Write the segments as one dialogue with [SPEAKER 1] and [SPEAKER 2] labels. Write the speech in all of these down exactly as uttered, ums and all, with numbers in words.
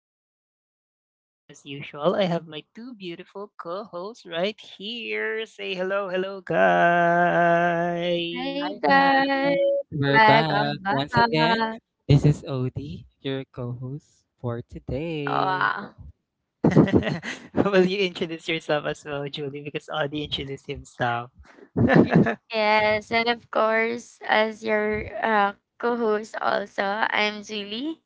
[SPEAKER 1] Three Cups of Chaos, and as usual, I have my two beautiful co hosts right here. Say hello, hello, guys.
[SPEAKER 2] Hi
[SPEAKER 3] Yes,
[SPEAKER 2] guys,
[SPEAKER 3] we're
[SPEAKER 2] welcome
[SPEAKER 3] back once again.
[SPEAKER 2] back.
[SPEAKER 3] This is Odie, your co-host for
[SPEAKER 2] Oh,
[SPEAKER 3] today.
[SPEAKER 2] wow.
[SPEAKER 1] Will you introduce yourself as well, Julie? Because Audie introduced himself. the
[SPEAKER 2] Yes, and of course, as your uh, co-host also, I'm Julie,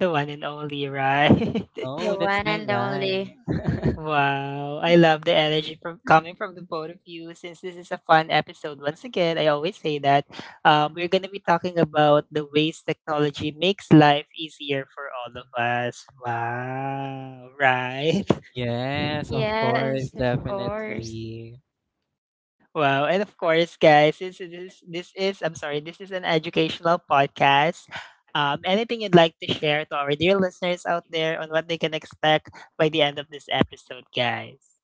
[SPEAKER 1] one and only, right?
[SPEAKER 3] Oh,
[SPEAKER 2] the
[SPEAKER 3] that's
[SPEAKER 2] one
[SPEAKER 3] my
[SPEAKER 2] and
[SPEAKER 3] line.
[SPEAKER 2] only.
[SPEAKER 1] Wow, I love the energy from coming from the both of you. Since this is a fun episode, once again, I always say that um, we're going to be talking about the ways technology makes life easier for all of us. Wow, right?
[SPEAKER 3] Yes, of course,
[SPEAKER 2] Yes, of course.
[SPEAKER 3] definitely.
[SPEAKER 1] Wow, and of course, guys, this is this is I'm sorry, this is an educational podcast. Um, anything you'd like to share to our dear listeners out there on what they can expect by the end of this episode, guys?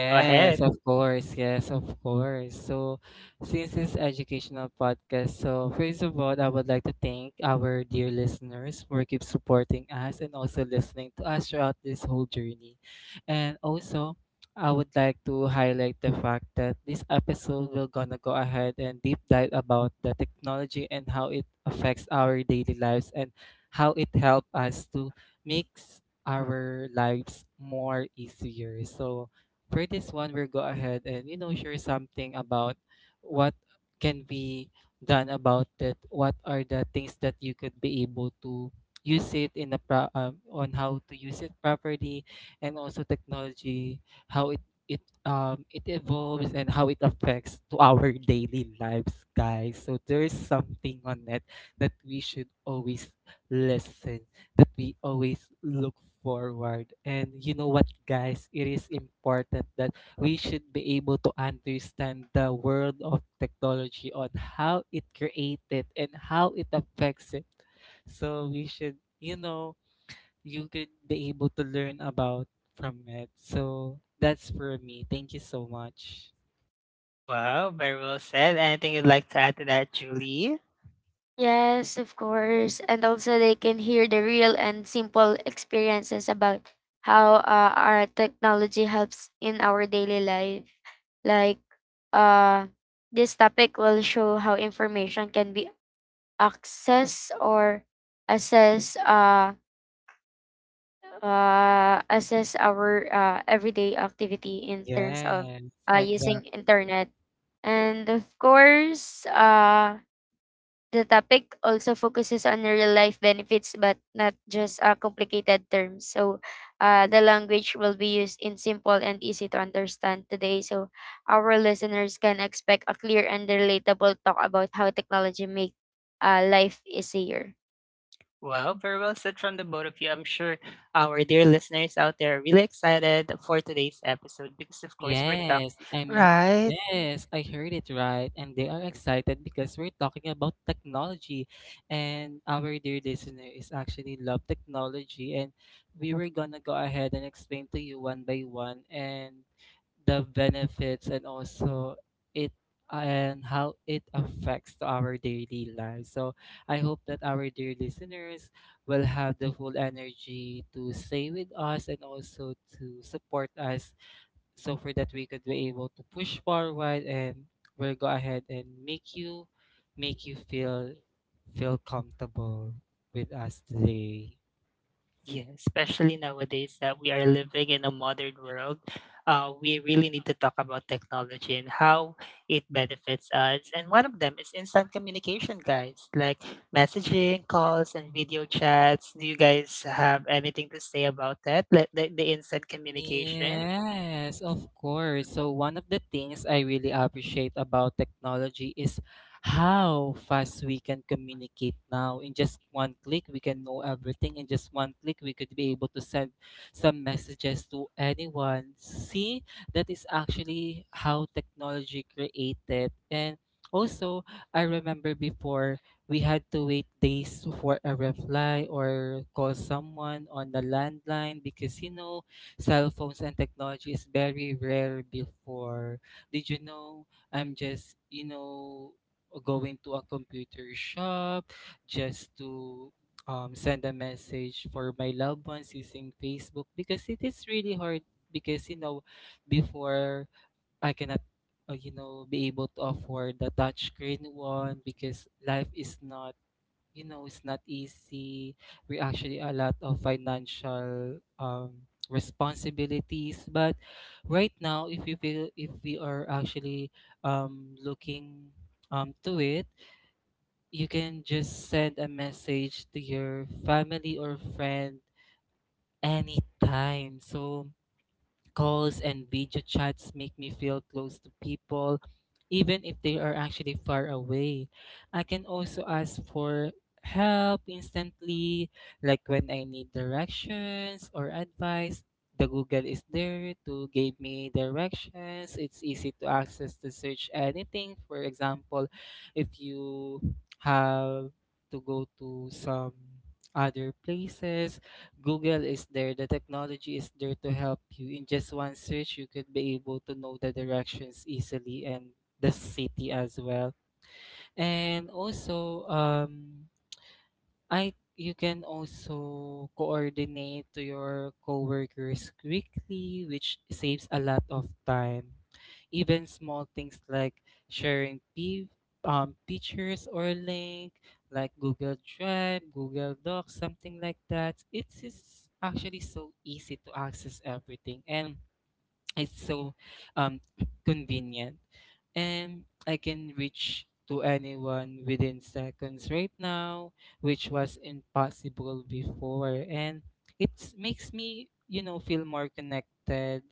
[SPEAKER 1] Go ahead.
[SPEAKER 3] of course. Yes, of course. So, since this educational podcast, so first of all, I would like to thank our dear listeners for keep supporting us and also listening to us throughout this whole journey. And also, I would like to highlight the fact that this episode will gonna go ahead and deep dive about the technology and how it affects our daily lives and how it help us to makes our lives more easier. So for this one, we'll go ahead and you know share something about what can be done about it. What are the things that you could be able to use it in the pro- um, on how to use it properly, and also technology, how it it um it evolves and how it affects to our daily lives, guys. So there's something on it that we should always listen that we always look forward. And you know what, guys? It is important that we should be able to understand the world of technology on how it created and how it affects it. So we should, you know, you could be able to learn about from it. So that's for me. Thank you so much.
[SPEAKER 1] Wow, very well said. Anything you'd like to add to that, Julie?
[SPEAKER 2] Yes, of course. And also, they can hear the real and simple experiences about how uh, our technology helps in our daily life. Like, uh, this topic will show how information can be accessed or assess uh, uh, assess our uh, everyday activity in terms of
[SPEAKER 3] Yes,
[SPEAKER 2] uh, using
[SPEAKER 3] exactly.
[SPEAKER 2] internet. And of course, uh, the topic also focuses on real life benefits, but not just uh, complicated terms. So, uh, the language will be used in simple and easy to understand today. So, our listeners can expect a clear and relatable talk about how technology make uh, life easier.
[SPEAKER 1] Well, very well said from the both of you. I'm sure our dear listeners out there are really excited for today's episode because, of course, we're talking,
[SPEAKER 3] Yes, I'm
[SPEAKER 1] right?
[SPEAKER 3] yes, I heard it right. And they are excited because we're talking about technology and our dear listener is actually love technology and we were gonna go ahead and explain to you one by one and the benefits and also it and how it affects to our daily lives. So I hope that our dear listeners will have the full energy to stay with us and also to support us, so for that we could be able to push forward and we'll go ahead and make you make you feel feel comfortable with us today.
[SPEAKER 1] Yeah, especially nowadays that we are living in a modern world, uh, we really need to talk about technology and how it benefits us. And one of them is instant communication, guys, like messaging, calls, and video chats. Do you guys have anything to say about that? Like the, the instant communication?
[SPEAKER 3] Yes, of course. So one of the things I really appreciate about technology is how fast we can communicate now. In just one click, we can know everything. In just one click, we could be able to send some messages to anyone. See, that is actually how technology created. And also, I remember before we had to wait days for a reply or call someone on the landline because you know cell phones and technology is very rare before. Did you know I'm just, you know, going to a computer shop just to um, send a message for my loved ones using Facebook because it is really hard because, you know, before I cannot. Uh, you know, be able to afford the touchscreen one because life is not you know, it's not easy. We actually a lot of financial um, responsibilities. But right now, if we feel, if we are actually um, looking um, to it, you can just send a message to your family or friend anytime. So calls and video chats make me feel close to people, even if they are actually far away. I can also ask for help instantly, like when I need directions or advice. The Google is there to give me directions. It's easy to access to search anything. For example, if you have to go to some other places, Google is there, the technology is there to help you. In just one search, you could be able to know the directions easily and the city as well. And also, um, I you can also coordinate to your coworkers quickly, which saves a lot of time. Even small things like sharing p- um, pictures or link, like Google Drive, Google Docs, something like that. It is actually so easy to access everything, and it's so um, convenient. And I can reach to anyone within seconds right now, which was impossible before. And it makes me, you know, feel more connected.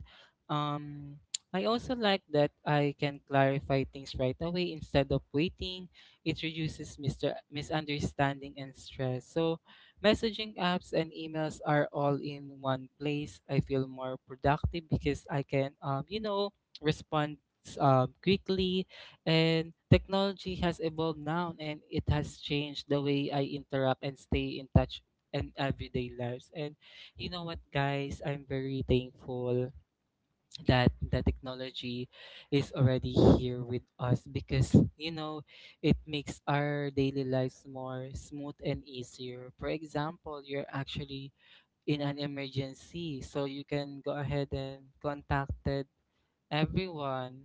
[SPEAKER 3] Um, I also like that I can clarify things right away instead of waiting. It reduces mister misunderstanding and stress. So messaging apps and emails are all in one place. I feel more productive because I can, um, you know, respond um, quickly. And technology has evolved now and it has changed the way I interact and stay in touch in everyday lives. And you know what, guys? I'm very thankful that the technology is already here with us because you know it makes our daily lives more smooth and easier. For example, you're actually in an emergency, so you can go ahead and contacted everyone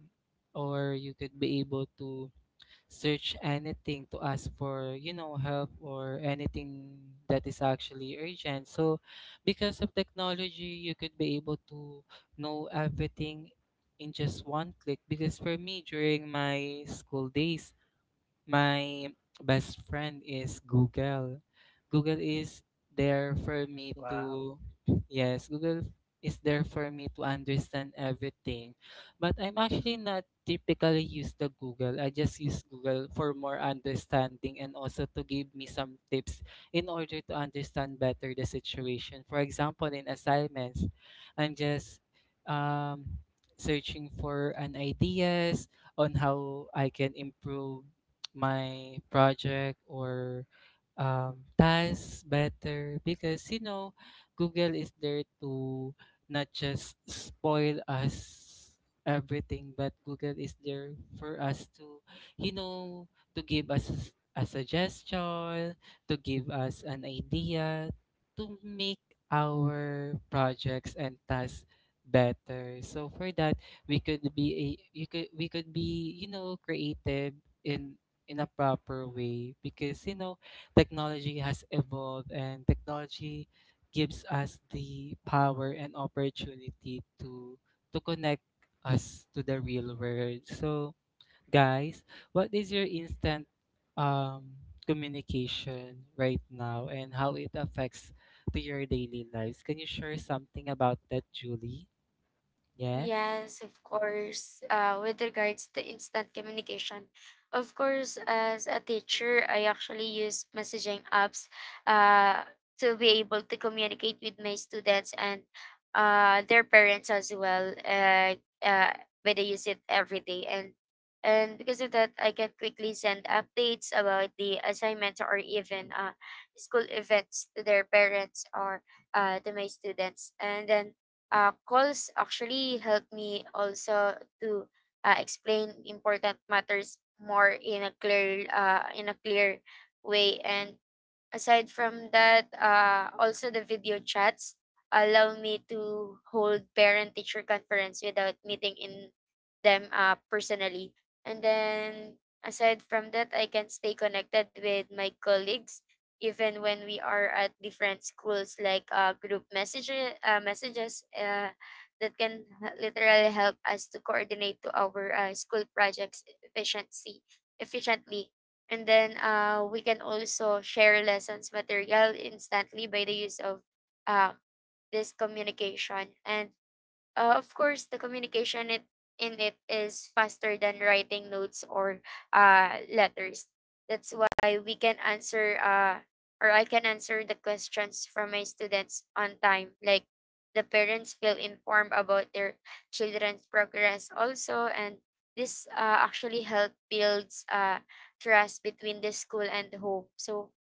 [SPEAKER 3] or you could be able to search anything to ask for, you know, help or anything that is actually urgent. So, because of technology, you could be able to know everything in just one click. Because for me, during my school days, my best friend is Google. Google is there for me
[SPEAKER 1] Wow.
[SPEAKER 3] to, yes, Google is there for me to understand everything. But I'm actually not typically use the Google. I just use Google for more understanding and also to give me some tips in order to understand better the situation. For example, in assignments, I'm just um, searching for an ideas on how I can improve my project or um, tasks better because you know Google is there to not just spoil us everything, but Google is there for us to, you know, to give us s- a suggestion, to give us an idea, to make our projects and tasks better. So for that, we could be a you could, we could be, you know, creative in in a proper way because you know technology has evolved and technology gives us the power and opportunity to to connect us to the real world. So guys, what is your instant um communication right now and how it affects to your daily lives? Can you share something about that, Julie? Yes.
[SPEAKER 2] Yes, of course. Uh, with regards to instant communication, of course, as a teacher, I actually use messaging apps uh, to be able to communicate with my students and uh, their parents as well. Uh, uh, but I use it every day, and and because of that, I can quickly send updates about the assignments or even uh, school events to their parents or uh, to my students, and then uh, calls actually help me also to uh, explain important matters more in a clear uh, in a clear way. And aside from that, uh, also the video chats allow me to hold parent-teacher conference without meeting in them uh, personally. And then aside from that, I can stay connected with my colleagues even when we are at different schools, like uh, group messages, uh, messages uh, that can literally help us to coordinate to our uh, school projects efficiency efficiently. And then uh, we can also share lessons material instantly by the use of uh, this communication. And Uh, of course, the communication it, in it is faster than writing notes or uh, letters. That's why we can answer uh, or I can answer the questions from my students on time. Like the parents feel informed about their children's progress also, and this uh, actually help builds uh, trust between the school and home. So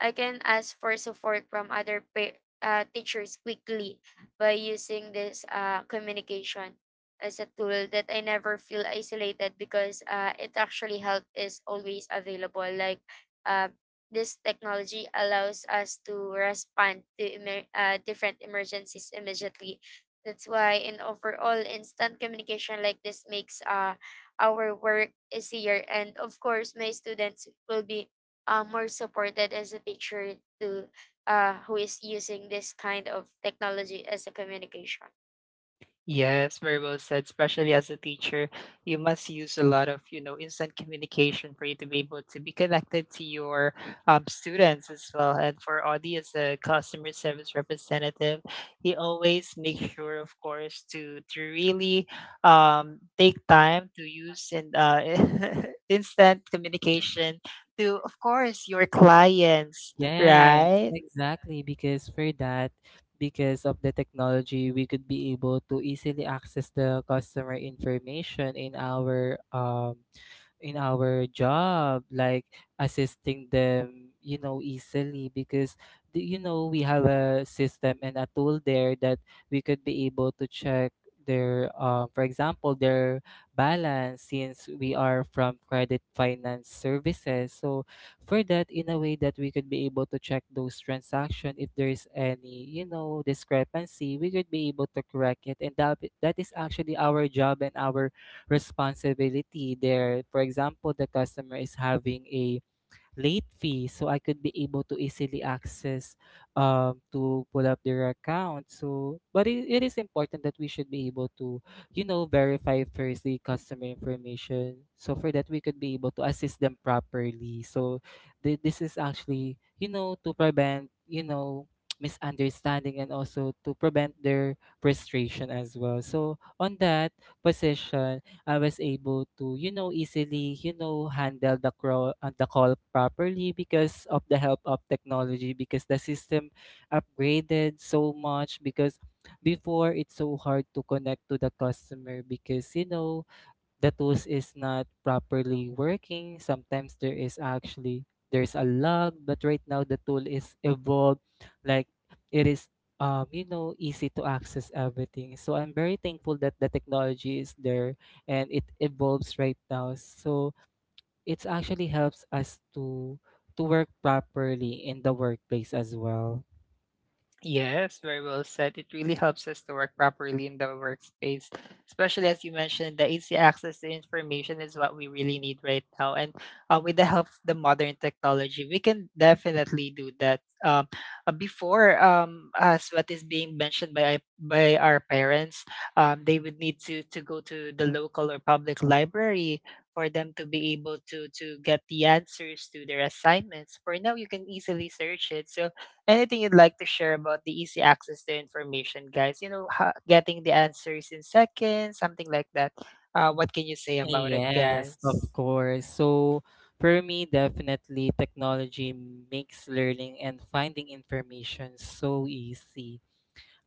[SPEAKER 2] I can ask for support from other pa- uh, teachers quickly by using this uh, communication as a tool that I never feel isolated because uh, it actually help is always available. Like uh, this technology allows us to respond to emer- uh, different emergencies immediately. That's why in overall instant communication like this makes uh, our work easier, and of course my students will be uh, more supported as a teacher to uh, who is using this kind of technology as a communication.
[SPEAKER 1] Yes, very well said. Especially as a teacher, you must use a lot of, you know, instant communication for you to be able to be connected to your um, students as well. And for Audie as a customer service representative, he always makes sure, of course, to to really um, take time to use and uh, instant communication to, of course, your clients,
[SPEAKER 3] Yes,
[SPEAKER 1] right?
[SPEAKER 3] exactly. Because for that, because of the technology, we could be able to easily access the customer information in our um in our job, like assisting them you know easily, because the- you know we have a system and a tool there that we could be able to check their uh, for example their balance, since we are from credit finance services. So for that, in a way that we could be able to check those transaction, if there is any, you know, discrepancy, we could be able to correct it, and that that is actually our job and our responsibility there. For example, the customer is having a late fee, so I could be able to easily access um, to pull up their account. So, but it, it is important that we should be able to, you know, verify first the customer information. So for that, we could be able to assist them properly. So th- this is actually, you know, to prevent, you know, misunderstanding and also to prevent their frustration as well. So on that position, I was able to, you know, easily, you know, handle the crawl uh, the call properly because of the help of technology, because the system upgraded so much because before it's so hard to connect to the customer because you know the tools is not properly working. Sometimes there is actually there's a lag, but right now the tool is evolved. Like it is um, you know, easy to access everything. So I'm very thankful that the technology is there and it evolves right now. So it actually helps us to to work properly in the workplace as well.
[SPEAKER 1] Yes, very well said. It really helps us to work properly in the workspace, especially as you mentioned, the easy access to information is what we really need right now. And uh, with the help of the modern technology, we can definitely do that. Um, uh, before, um, as what is being mentioned by by our parents, um, they would need to to go to the local or public library for them to be able to to get the answers to their assignments. For now, you can easily search it. So anything you'd like to share about the easy access to information, guys? You know, ha- getting the answers in seconds, something like that. Uh, what can you say about it,
[SPEAKER 3] Yes, of
[SPEAKER 1] guys?
[SPEAKER 3] course. So for me, definitely technology makes learning and finding information so easy.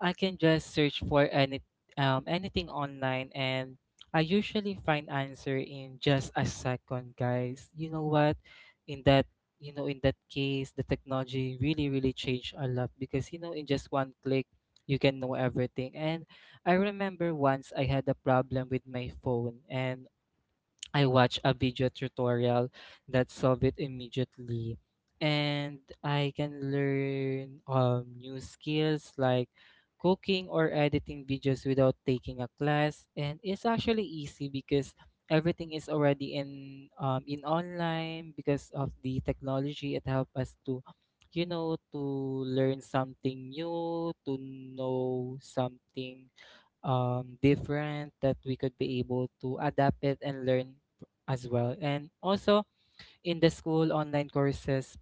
[SPEAKER 3] I can just search for any um, anything online and I usually find answer in just a second, guys. You know what? In that, you know, in that case, the technology really, really changed a lot because you know, in just one click, you can know everything. And I remember once I had a problem with my phone and I watched a video tutorial that solved it immediately. And I can learn um, new skills like cooking or editing videos without taking a class. And it's actually easy because everything is already in um, in online because of the technology. It helps us to, you know, to learn something new, to know something um, different that we could be able to adapt it and learn as well. And also in the school online courses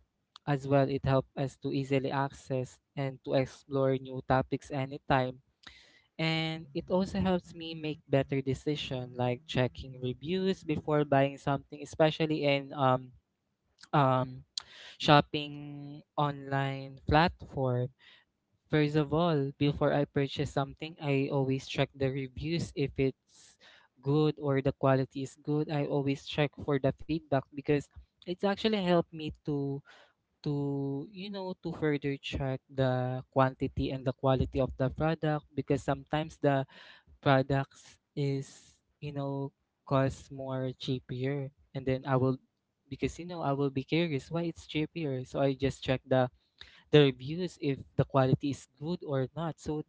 [SPEAKER 3] as well, it helped us to easily access and to explore new topics anytime. And it also helps me make better decision like checking reviews before buying something, especially in um, um, shopping online platform. First of all, before I purchase something, I always check the reviews if it's good or the quality is good. I always check for the feedback because it's actually helped me to to you know to further check the quantity and the quality of the product because sometimes the products is you know cost more cheaper and then I will because you know I will be curious why it's cheaper, so I just check the the reviews if the quality is good or not. So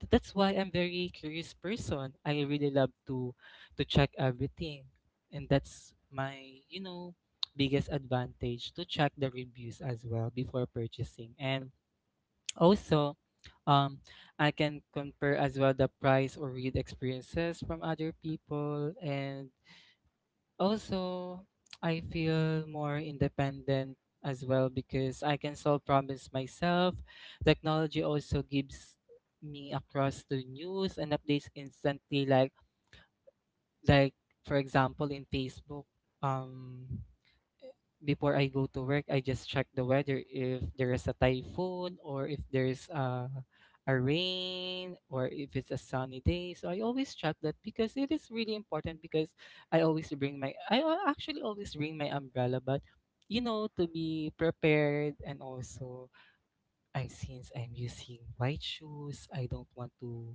[SPEAKER 3] th- that's why I'm very curious person. I really love to to check everything, and that's my you know biggest advantage to check the reviews as well before purchasing. And also, um, I can compare as well the price or read experiences from other people, and also, I feel more independent as well because I can solve problems myself. Technology also gives me across to news and updates instantly, like like for example in Facebook. Um Before I go to work, I just check the weather if there is a typhoon or if there's a a rain or if it's a sunny day. So I always check that because it is really important, because I always bring my I al- actually always bring my umbrella, but you know to be prepared, and also I since I'm using white shoes, I don't want to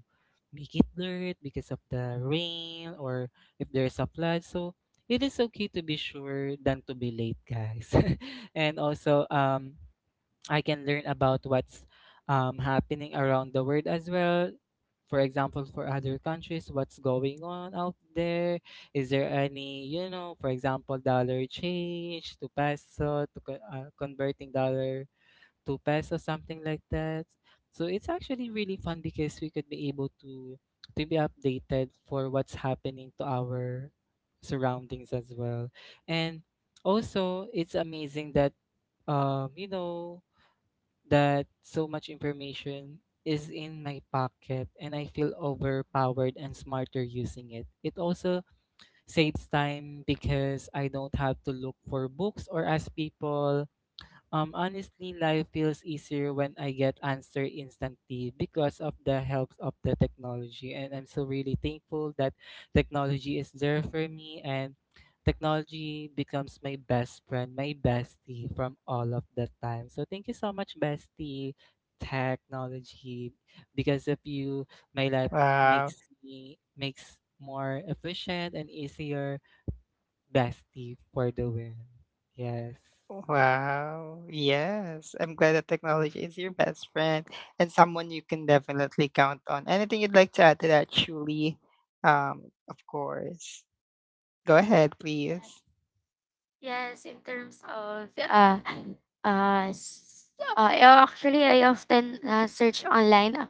[SPEAKER 3] make it dirt because of the rain or if there's a flood. So it is okay to be sure than to be late, guys. And also, um, I can learn about what's um, happening around the world as well. For example, for other countries, what's going on out there? Is there any, you know, for example, dollar change to peso to co- uh, converting dollar two pesos, something like that. So it's actually really fun because we could be able to to be updated for what's happening to our surroundings as well. And also it's amazing that um you know that so much information is in my pocket, and I feel overpowered and smarter using it. It also saves time because I don't have to look for books or ask people. Um, honestly, life feels easier when I get answer instantly because of the help of the technology. And I'm so really thankful that technology is there for me, and technology becomes my best friend, my bestie from all of the time. So thank you so much, bestie technology. Because of you, my life
[SPEAKER 1] Wow.
[SPEAKER 3] makes me makes more efficient and easier. Bestie for the win. Yes.
[SPEAKER 1] Wow. Yes. I'm glad that technology is your best friend and someone you can definitely count on. Anything you'd like to add to that, Julie? Um, of course. Go ahead, please.
[SPEAKER 2] Yes, in terms of uh, uh, s- uh yeah, actually I often uh, search online, uh,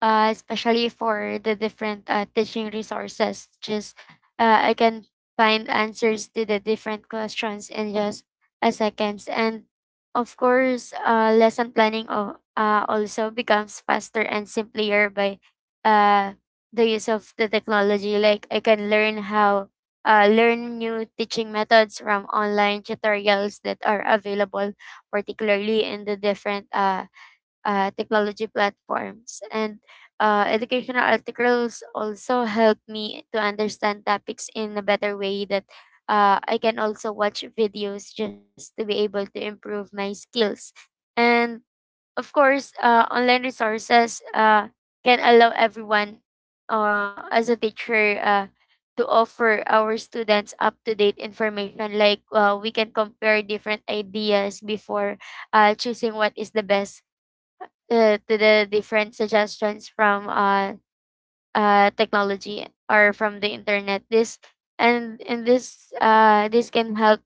[SPEAKER 2] uh, especially for the different uh, teaching resources. Just uh, I can find answers to the different questions in just a seconds, and of course, uh, lesson planning of, uh, also becomes faster and simpler by uh, the use of the technology. Like I can learn how uh, learn new teaching methods from online tutorials that are available, particularly in the different uh, uh, technology platforms. And uh, educational articles also help me to understand topics in a better way that uh, I can also watch videos just to be able to improve my skills. And of course, uh, online resources uh, can allow everyone uh, as a teacher uh, to offer our students up-to-date information. Like uh, we can compare different ideas before uh, choosing what is the best uh, to the different suggestions from uh, uh, technology or from the internet. This and and this uh, this can help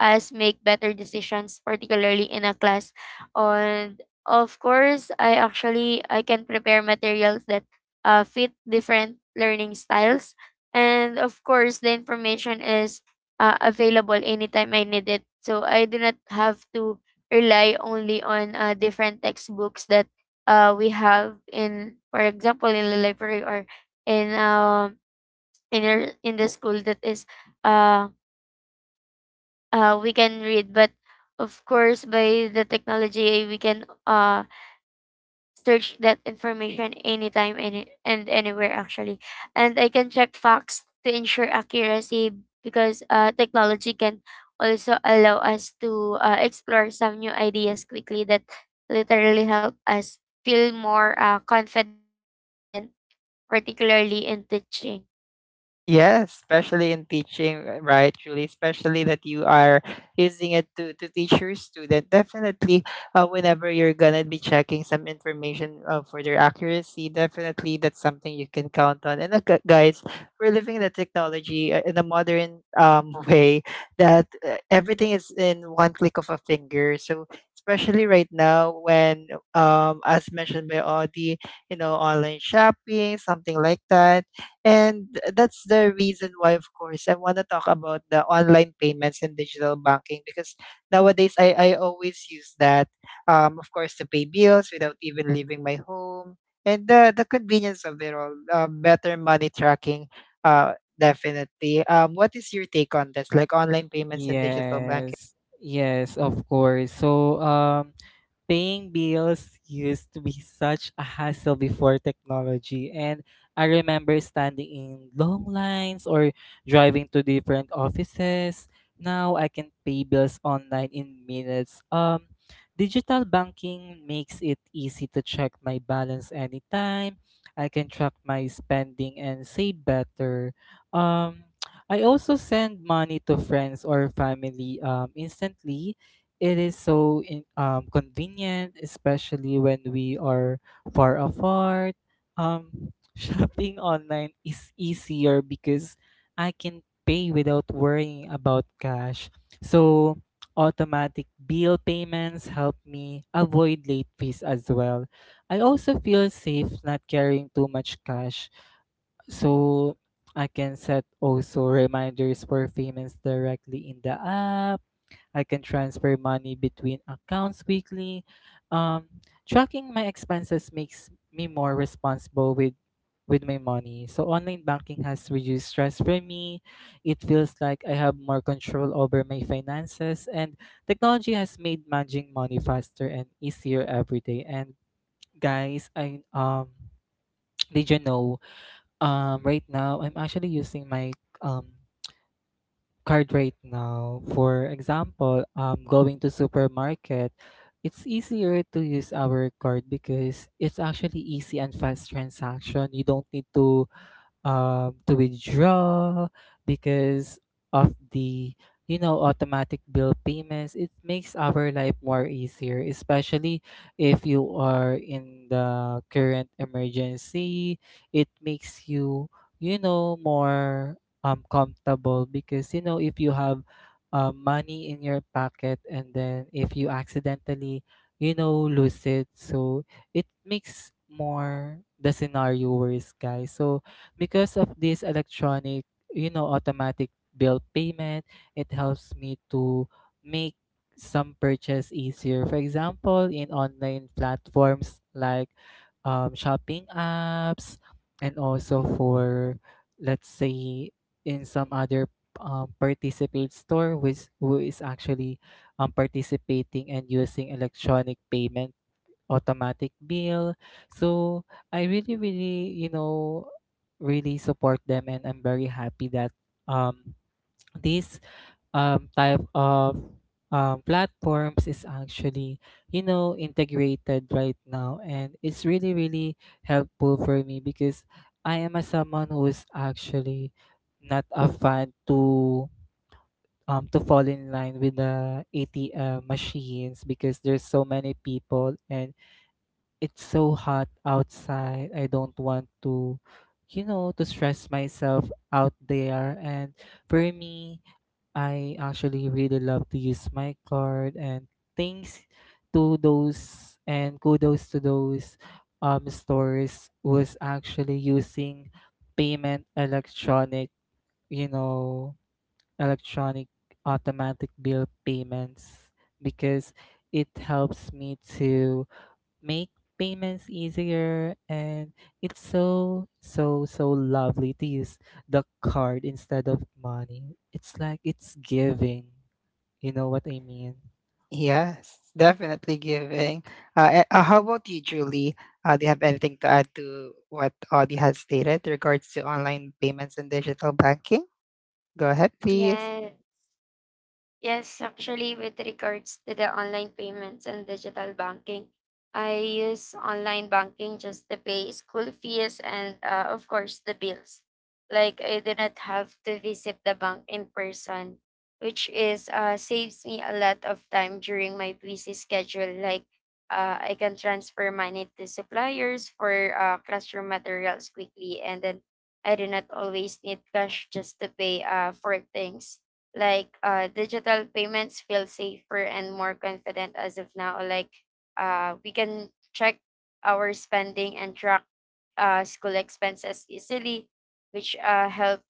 [SPEAKER 2] us make better decisions, particularly in a class. And of course, I actually I can prepare materials that uh, fit different learning styles. And of course, the information is uh, available anytime I need it. So I do not have to rely only on uh, different textbooks that uh, we have in, for example, in the library or in um in our in the school that is uh uh, we can read. But of course, by the technology we can uh search that information anytime any and anywhere actually, and I can check facts to ensure accuracy because uh, technology can also allow us to uh, explore some new ideas quickly that literally help us feel more uh, confident, particularly in teaching.
[SPEAKER 1] Yes, especially in teaching, uh, right, Julie? Especially that you are using it to, to teach your student. Definitely, uh, whenever you're gonna be checking some information uh, for their accuracy, definitely that's something you can count on. And uh, gu- guys, we're living in a technology uh, in a modern um, way that uh, everything is in one click of a finger. So especially right now when um as mentioned by Audie, you know, online shopping, something like that, and that's the reason why, of course, I want to talk about the online payments and digital banking because nowadays I, I always use that, um, of course, to pay bills without even leaving my home. And the, the convenience of it all, uh, better money tracking, uh, definitely. Um, what is your take on this, like online payments and digital banking?
[SPEAKER 3] Yes, yes, of course. So, um, paying bills used to be such a hassle before technology, and I remember standing in long lines or driving to different offices. Now I can pay bills online in minutes. Um, digital banking makes it easy to check my balance anytime. I can track my spending and save better. Um, I also send money to friends or family um, instantly. It is so in, um, convenient, especially when we are far apart. Um, shopping online is easier because I can pay without worrying about cash. So, automatic bill payments help me avoid late fees as well. I also feel safe not carrying too much cash. So, I can set also reminders for payments directly in the app. I can transfer money between accounts weekly. Um, Tracking my expenses makes me more responsible with with my money. So online banking has reduced stress for me. It feels like I have more control over my finances, and technology has made managing money faster and easier every day. And guys, I um did you know, um right now I'm actually using my um card right now. For example, um, going to supermarket, it's easier to use our card because it's actually easy and fast transaction. You don't need to um, to withdraw because of the you know automatic bill payments. It makes our life more easier, especially if you are in the current emergency. It makes you you know more um comfortable, because you know if you have uh, money in your pocket and then if you accidentally you know lose it, so it makes more the scenario worse, guys. So because of this electronic, you know, automatic bill payment, it helps me to make some purchase easier. For example, in online platforms like um, shopping apps, and also for, let's say, in some other um, participate store which who is actually um, participating and using electronic payment automatic bill. So I really, really, you know, really support them, and I'm very happy that um, this um, type of um, platforms is actually, you know, integrated right now, and it's really, really helpful for me, because I am a someone who is actually not a fan to um to fall in line with the A T M machines, because there's so many people and it's so hot outside. I don't want to, you know, to stress myself out there. And for me, I actually really love to use my card, and thanks to those and kudos to those um stores was actually using payment electronic, you know, electronic automatic bill payments, because it helps me to make payments easier, and it's so so so lovely to use the card instead of money. It's like, it's giving, you know what I mean?
[SPEAKER 1] Yes, definitely giving. Uh, a- uh, how about you, Julie? Uh, do you have anything to add to what Audie has stated regards to online payments and digital banking? Go ahead, please.
[SPEAKER 2] Yes. Yes, actually, with regards to the online payments and digital banking, I use online banking just to pay school fees and, uh, of course, the bills. Like, I do not have to visit the bank in person, which is uh, saves me a lot of time during my busy schedule. Like, uh, I can transfer money to suppliers for uh, classroom materials quickly, and then I do not always need cash just to pay uh, for things like uh, digital payments feel safer and more confident as of now. Like uh, we can check our spending and track uh, school expenses easily, which uh, help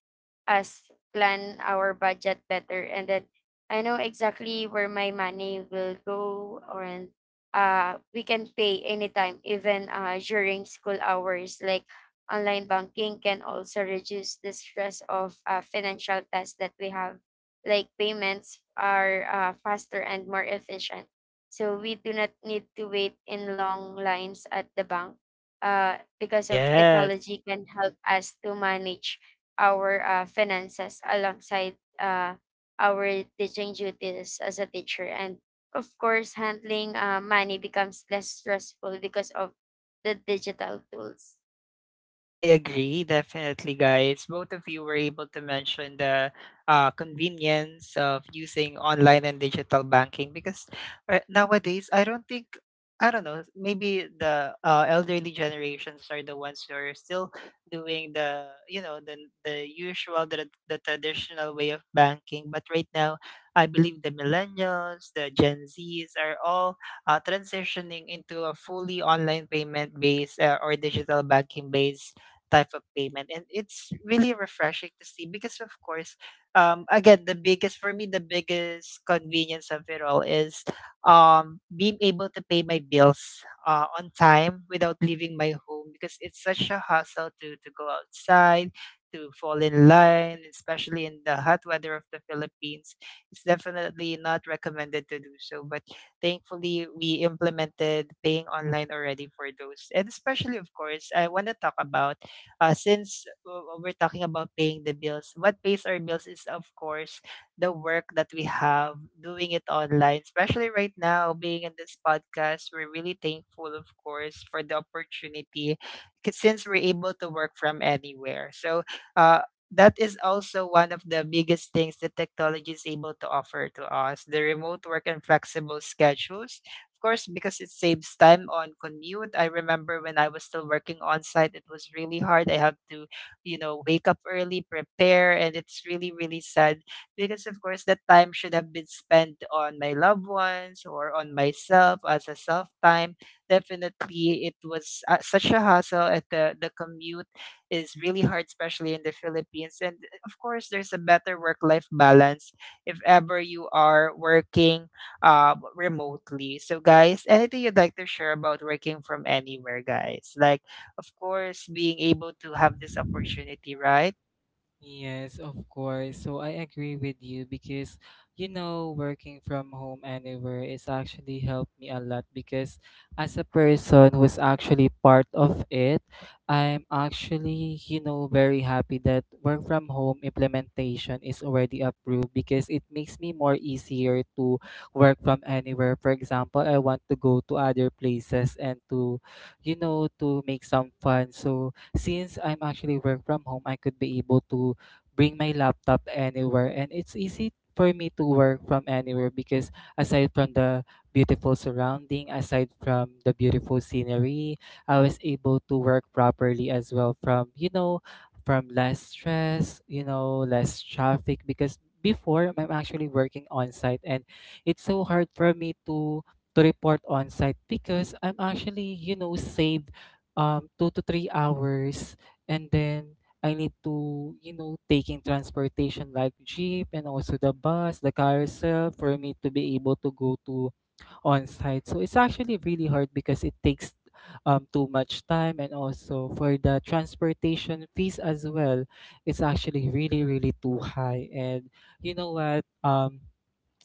[SPEAKER 2] us plan our budget better. And then I know exactly where my money will go. Or and uh We can pay anytime, even uh during school hours. Like online banking can also reduce the stress of uh, financial tasks that we have, like payments are uh, faster and more efficient, so we do not need to wait in long lines at the bank uh, because of
[SPEAKER 1] Yes.
[SPEAKER 2] technology can help us to manage our uh, finances alongside uh, our teaching duties as a teacher. And of course, handling uh, money becomes less stressful because of the digital tools.
[SPEAKER 1] I agree, definitely, guys. Both of you were able to mention the uh, convenience of using online and digital banking because uh, nowadays, I don't think, I don't know, maybe the uh, elderly generations are the ones who are still doing the, you know, the, the usual, the, the traditional way of banking. But right now, I believe the millennials, the Gen Zs are all uh, transitioning into a fully online payment based uh, or digital banking based type of payment, and it's really refreshing to see because of course, um again, the biggest for me the biggest convenience of it all is um being able to pay my bills uh, on time without leaving my home, because it's such a hassle to to go outside to fall in line, especially in the hot weather of the Philippines. It's definitely not recommended to do so, but thankfully we implemented paying online already for those. And especially, of course, I want to talk about uh, since uh, we're talking about paying the bills, what pays our bills is, of course, the work that we have doing it online, especially right now, being in this podcast. We're really thankful, of course, for the opportunity, 'cause since we're able to work from anywhere. So, uh, that is also one of the biggest things that technology is able to offer to us: the remote work and flexible schedules, of course, because it saves time on commute. I remember when I was still working on site, it was really hard. I had to, you know, wake up early, prepare, and it's really, really sad because, of course, that time should have been spent on my loved ones or on myself as a self time. Definitely, it was uh, such a hassle. At the, the commute is really hard, especially in the Philippines. And of course, there's a better work life balance if ever you are working um, remotely. So, guys, anything you'd like to share about working from anywhere, guys? Like, of course, being able to have this opportunity, right?
[SPEAKER 3] Yes, of course. So I agree with you because, you know, working from home anywhere is actually helped me a lot, because as a person who's actually part of it, I'm actually, you know, very happy that work from home implementation is already approved, because it makes me more easier to work from anywhere. For example, I want to go to other places and to, you know, to make some fun. So since I'm actually work from home, I could be able to bring my laptop anywhere, and it's easy for me to work from anywhere, because aside from the beautiful surrounding, aside from the beautiful scenery, I was able to work properly as well from, you know, from less stress, you know, less traffic, because before I'm actually working on site, and it's so hard for me to to report on site, because I'm actually, you know, saved um, two to three hours, and then I need to, you know, taking transportation like jeep and also the bus, the carousel, for me to be able to go to on site. So it's actually really hard because it takes um too much time, and also for the transportation fees as well, it's actually really really too high. And you know what? Um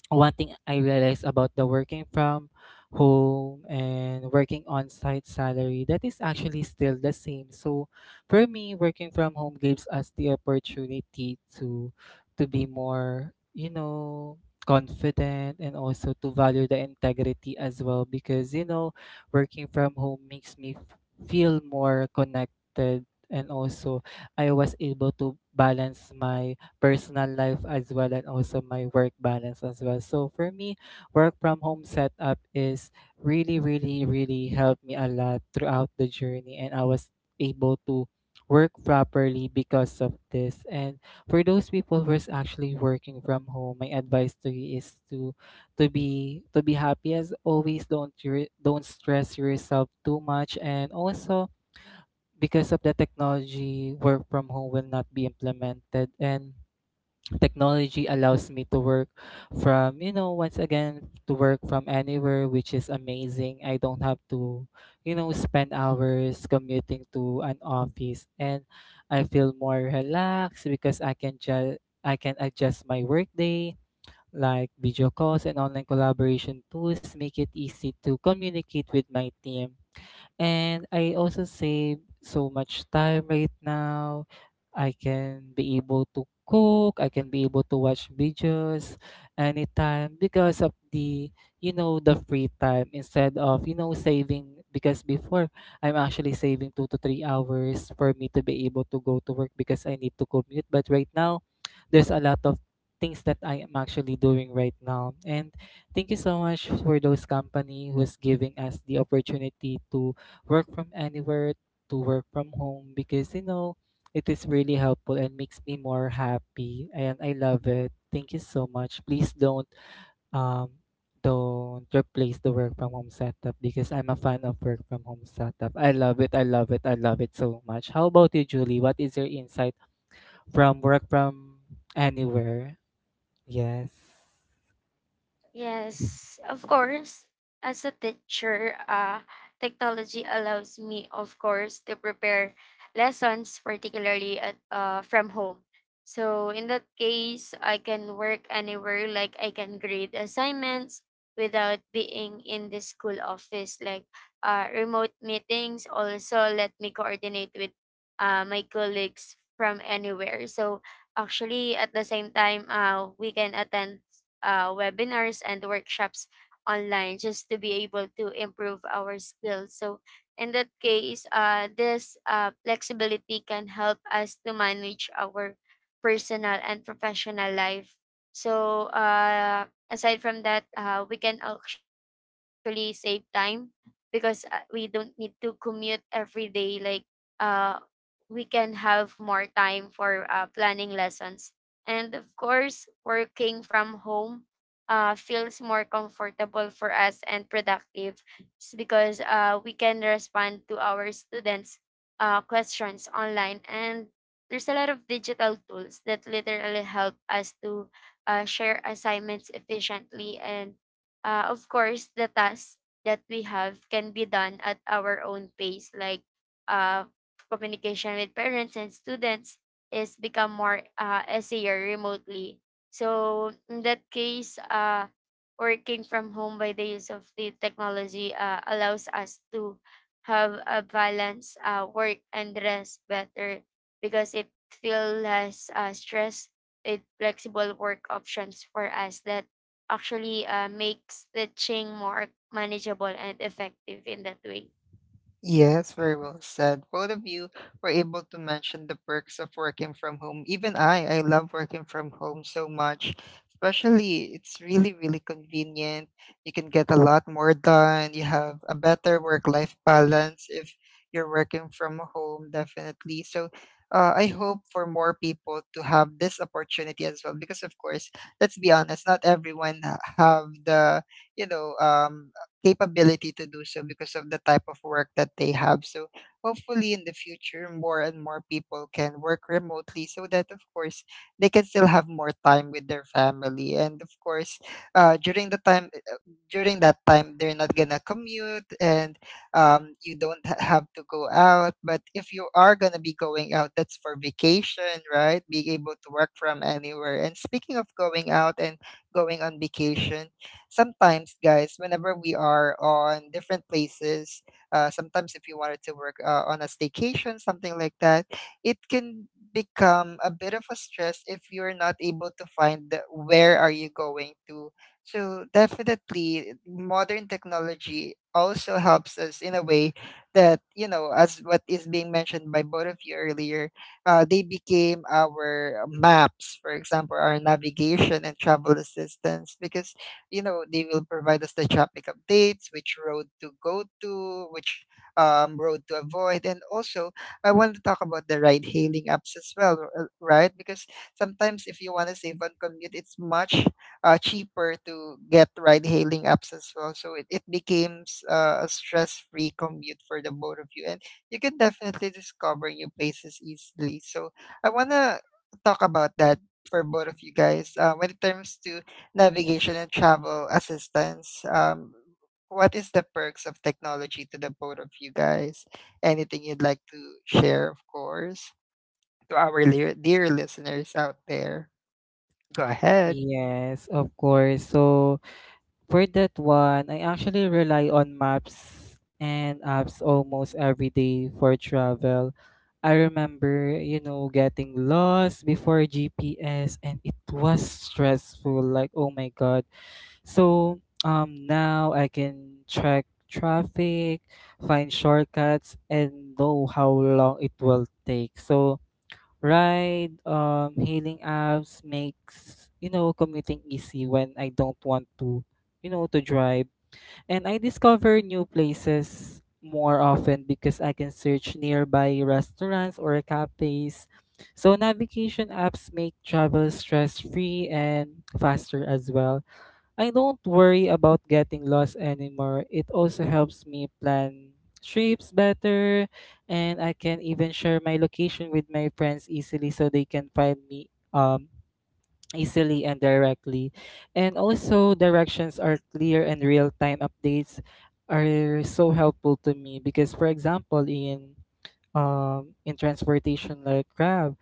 [SPEAKER 3] One thing I realized about the working from home and working on site salary, that is actually still the same. So for me, working from home gives us the opportunity to to be more, you know, confident, and also to value the integrity as well, because you know, working from home makes me f- feel more connected, and also I was able to balance my personal life as well and also my work balance as well. So for me, work from home setup is really, really, really helped me a lot throughout the journey, and I was able to work properly because of this. And for those people who is actually working from home, my advice to you is to to be to be happy as always. Don't re- don't stress yourself too much, and also because of the technology, work from home will not be implemented, and technology allows me to work from, you know once again, to work from anywhere, which is amazing. I don't have to, you know spend hours commuting to an office, and I feel more relaxed because i can just I can adjust my workday, like video calls and online collaboration tools make it easy to communicate with my team, and I also save so much time right now. I can be able to cook, I can be able to watch videos anytime because of the, you know, the free time, instead of, you know, saving, because before I'm actually saving two to three hours for me to be able to go to work because I need to commute. But right now, there's a lot of things that I am actually doing right now. And thank you so much for those company who's giving us the opportunity to work from anywhere, to work from home, because you know it is really helpful and makes me more happy and I love it. Thank you so much. Please don't, um don't replace the work from home setup, because I'm a fan of work from home setup. I love it. I love it. I love it so much. How about you, Julie? What is your insight from work from anywhere? Yes.
[SPEAKER 2] Yes, of course. As a teacher, uh, technology allows me, of course, to prepare lessons, particularly at uh, from home. So in that case, I can work anywhere. Like I can grade assignments without being in the school office. Like uh, remote meetings also let me coordinate with uh, my colleagues from anywhere. So actually, at the same time, uh, we can attend uh, webinars and workshops online just to be able to improve our skills. So in that case, uh, this uh, flexibility can help us to manage our personal and professional life. So uh, aside from that, uh, we can actually save time because uh, we don't need to commute every day. Like uh, we can have more time for uh, planning lessons. And of course, working from home uh, feels more comfortable for us and productive. It's because uh, we can respond to our students' uh, questions online. And there's a lot of digital tools that literally help us to uh, share assignments efficiently. And uh, of course, the tasks that we have can be done at our own pace, like uh, communication with parents and students is become more uh, easier remotely. So in that case, uh, working from home by the use of the technology uh, allows us to have a balance uh, work and rest better, because it feel less uh, stress with flexible work options for us that actually uh, makes the change more manageable and effective in that way.
[SPEAKER 1] Yes, very well said. Both of you were able to mention the perks of working from home. Even I, I love working from home so much. Especially, it's really, really convenient. You can get a lot more done. You have a better work-life balance if you're working from home, definitely. So, uh, I hope for more people to have this opportunity as well, because of course, let's be honest, not everyone ha- have the, you know, um, capability to do so because of the type of work that they have. So hopefully in the future, more and more people can work remotely so that, of course, they can still have more time with their family. And of course, uh, during the time, uh, during that time, they're not gonna commute and um, you don't ha- have to go out. But if you are gonna be going out, that's for vacation, right? Being able to work from anywhere. And speaking of going out and going on vacation, sometimes, guys, whenever we are on different places, uh, sometimes if you wanted to work uh, on a staycation, something like that, it can become a bit of a stress if you're not able to find the- where are you going to. So definitely modern technology also helps us in a way that, you know, as what is being mentioned by both of you earlier, uh, they became our maps, for example, our navigation and travel assistance, because, you know, they will provide us the traffic updates, which road to go to, which um, road to avoid. And also, I want to talk about the ride hailing apps as well, r- uh, right? Because sometimes if you want to save on commute, it's much uh, cheaper to get ride hailing apps as well. So it, it becomes uh, a stress free commute for the both of you. And you can definitely discover new places easily. So I want to talk about that for both of you guys uh, when it comes to navigation and travel assistance. Um, what is the perks of technology to the both of you guys? Anything you'd like to share, of course, to our dear, dear listeners out there? Go ahead.
[SPEAKER 3] Yes, of course. So, for that one, I actually rely on maps and apps almost every day for travel. I remember, you know, getting lost before G P S, and it was stressful, like oh my god. So um now I can track traffic, find shortcuts and know how long it will take. So. Right. Um, hailing apps makes, you know, commuting easy when I don't want to, you know, to drive. And I discover new places more often because I can search nearby restaurants or cafes. So navigation apps make travel stress-free and faster as well. I don't worry about getting lost anymore. It also helps me plan trips better, and I can even share my location with my friends easily so they can find me um, easily and directly. And also, directions are clear and real time updates are so helpful to me because, for example, in um, in transportation like Grab,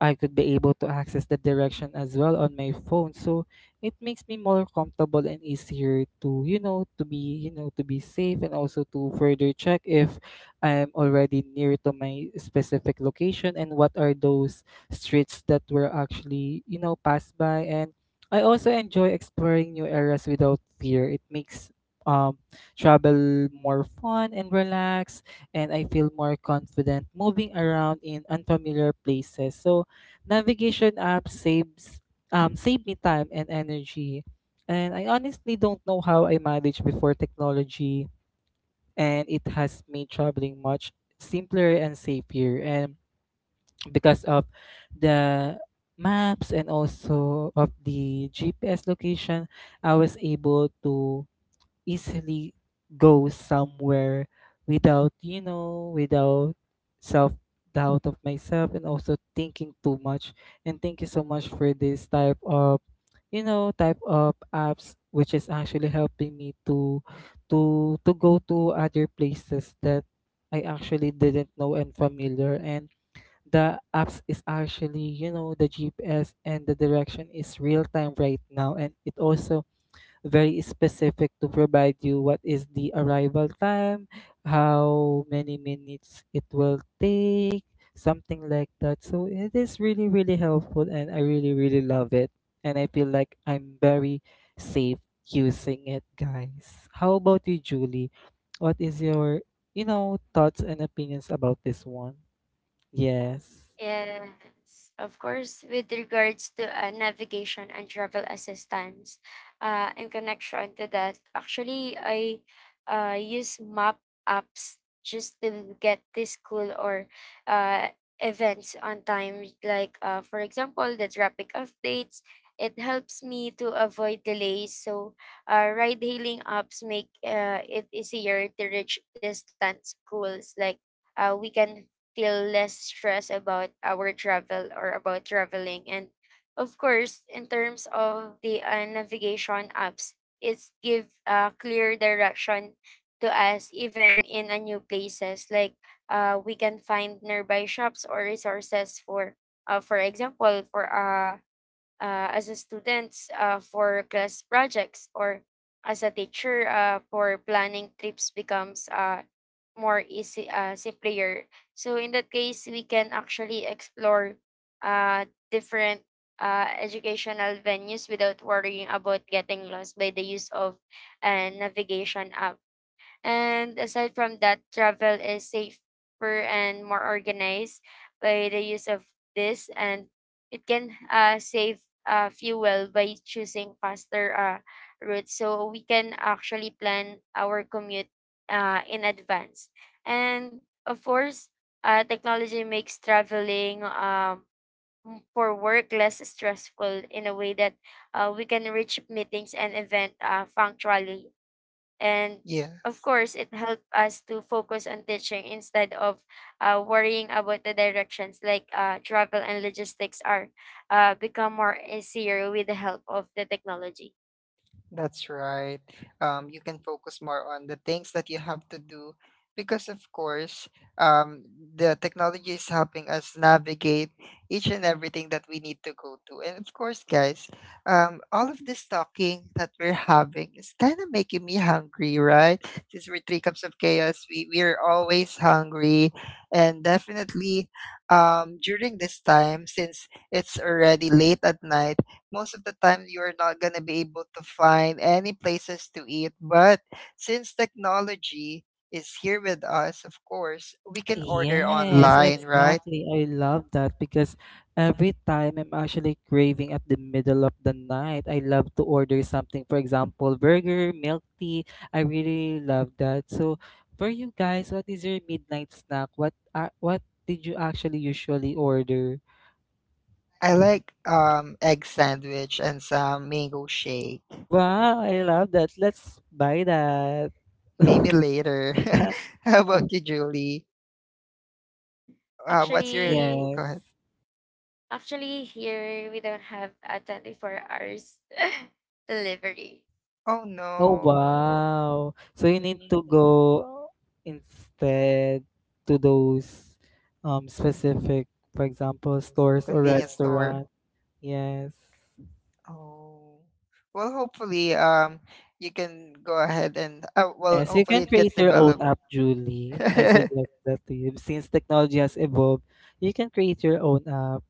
[SPEAKER 3] I could be able to access the direction as well on my phone. So it makes me more comfortable and easier to, you know, to be, you know, to be safe, and also to further check if I'm already near to my specific location and what are those streets that were actually, you know, passed by. And I also enjoy exploring new areas without fear. It makes um travel more fun and relaxed, and I feel more confident moving around in unfamiliar places. So navigation app saves um save me time and energy. And I honestly don't know how I managed before technology, and it has made traveling much simpler and safer, and because of the maps and also of the G P S location, I was able to easily go somewhere without you know without self doubt of myself and also thinking too much. And thank you so much for this type of you know type of apps, which is actually helping me to to to go to other places that I actually didn't know and familiar. And the apps is actually, you know, the G P S and the direction is real time right now, and it also very specific to provide you what is the arrival time, how many minutes it will take, something like that. So it is really, really helpful and I really, really love it. And I feel like I'm very safe using it, guys. How about you, Julie? What is your, you know, thoughts and opinions about this one? Yes.
[SPEAKER 2] Yes, of course. With regards to uh, navigation and travel assistance, uh, in connection to that, actually, I uh, use map apps just to get to school or uh, events on time. Like, uh, for example, the traffic updates. It helps me to avoid delays. So, uh, ride-hailing apps make uh, it easier to reach distant schools. Like, uh, we can feel less stress about our travel or about traveling. And of course, in terms of the uh, navigation apps, it's give uh, clear direction to us even in a new places. Like uh, we can find nearby shops or resources for, uh, for example, for uh, uh, as a student uh, for class projects or as a teacher uh, for planning trips becomes uh, more easy uh, simpler. So in that case we can actually explore uh, different uh, educational venues without worrying about getting lost by the use of a navigation app. And aside from that, travel is safer and more organized by the use of this, and it can uh, save uh, fuel by choosing faster uh, routes. So we can actually plan our commute uh, in advance. And of course, uh, technology makes traveling um, for work less stressful in a way that uh, we can reach meetings and event uh, punctually, and of
[SPEAKER 1] Yes.
[SPEAKER 2] course, it helped us to focus on teaching instead of uh, worrying about the directions, like uh, travel and logistics are uh, become more easier with the help of the technology.
[SPEAKER 1] That's right. Um, you can focus more on the things that you have to do because, of course, um, the technology is helping us navigate each and everything that we need to go to. And of course, guys, um, all of this talking that we're having is kind of making me hungry, right? Since we're three cups of chaos, we, we're always hungry. And definitely um, during this time, since it's already late at night, most of the time you're not going to be able to find any places to eat. But since technology is here with us, of course, we can order
[SPEAKER 3] Yes,
[SPEAKER 1] online, right?
[SPEAKER 3] exactly. I love that because every time I'm actually craving at the middle of the night, I love to order something. For example, burger, milk tea. I really love that. So, for you guys, what is your midnight snack? What uh, what did you actually usually order?
[SPEAKER 1] I
[SPEAKER 3] Mhm.
[SPEAKER 1] like um egg sandwich and some mango shake.
[SPEAKER 3] Wow, I love that. Let's buy that.
[SPEAKER 1] Maybe later. How about you, Julie? Uh, what's your
[SPEAKER 2] Actually,
[SPEAKER 1] Go
[SPEAKER 3] Yes.
[SPEAKER 1] ahead?
[SPEAKER 2] actually here we don't have a twenty-four hours delivery.
[SPEAKER 1] Oh
[SPEAKER 3] Oh,
[SPEAKER 1] no.
[SPEAKER 3] wow. So you need to go instead to those um specific, for example, stores or
[SPEAKER 1] Convenience store.
[SPEAKER 3] restaurant. Yes.
[SPEAKER 1] Oh. Well, hopefully, um, you can go ahead and uh, well,
[SPEAKER 3] Yes, you
[SPEAKER 1] hopefully
[SPEAKER 3] can
[SPEAKER 1] it gets
[SPEAKER 3] create your own
[SPEAKER 1] developed.
[SPEAKER 3] app, Julie. I suggest that to you. Since technology has evolved, you can create your own app.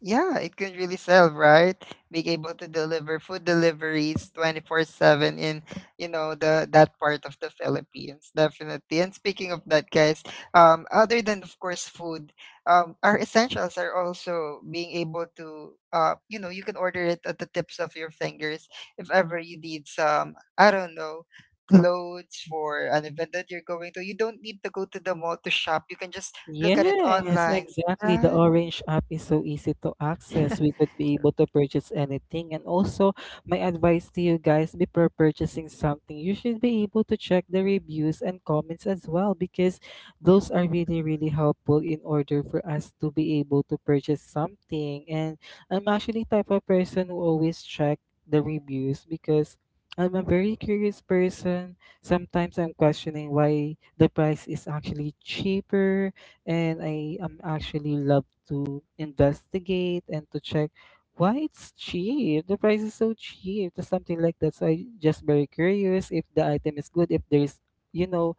[SPEAKER 1] Yeah, it can really sell, right? Being able to deliver food deliveries twenty-four seven in, you know, the that part of the Philippines, definitely. And speaking of that, guys, um, other than of course food, um, our essentials are also being able to, uh, you know, you can order it at the tips of your fingers if ever you need some, I don't know, clothes for an event that you're going to. You don't need to go to the mall to shop. You can just look at it
[SPEAKER 3] Yes,
[SPEAKER 1] online,
[SPEAKER 3] exactly. The
[SPEAKER 1] right?
[SPEAKER 3] Orange app is so easy to access. We could be able to purchase anything. And also, my advice to you guys before purchasing something, you should be able to check the reviews and comments as well, because those are really, really helpful in order for us to be able to purchase something. And I'm actually type of person who always check the reviews because I'm a very curious person. Sometimes I'm questioning why the price is actually cheaper, and I am actually love to investigate and to check why it's cheap. The price is so cheap, or something like that. So I just very curious if the item is good, if there's, you know,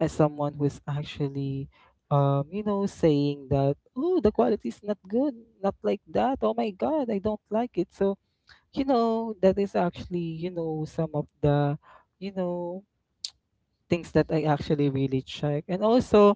[SPEAKER 3] as someone who's actually, um you know saying that, oh, the quality is not good, not like that, oh my god, I don't like it. So, you know, that is actually, you know, some of the, you know, things that I actually really check. And also,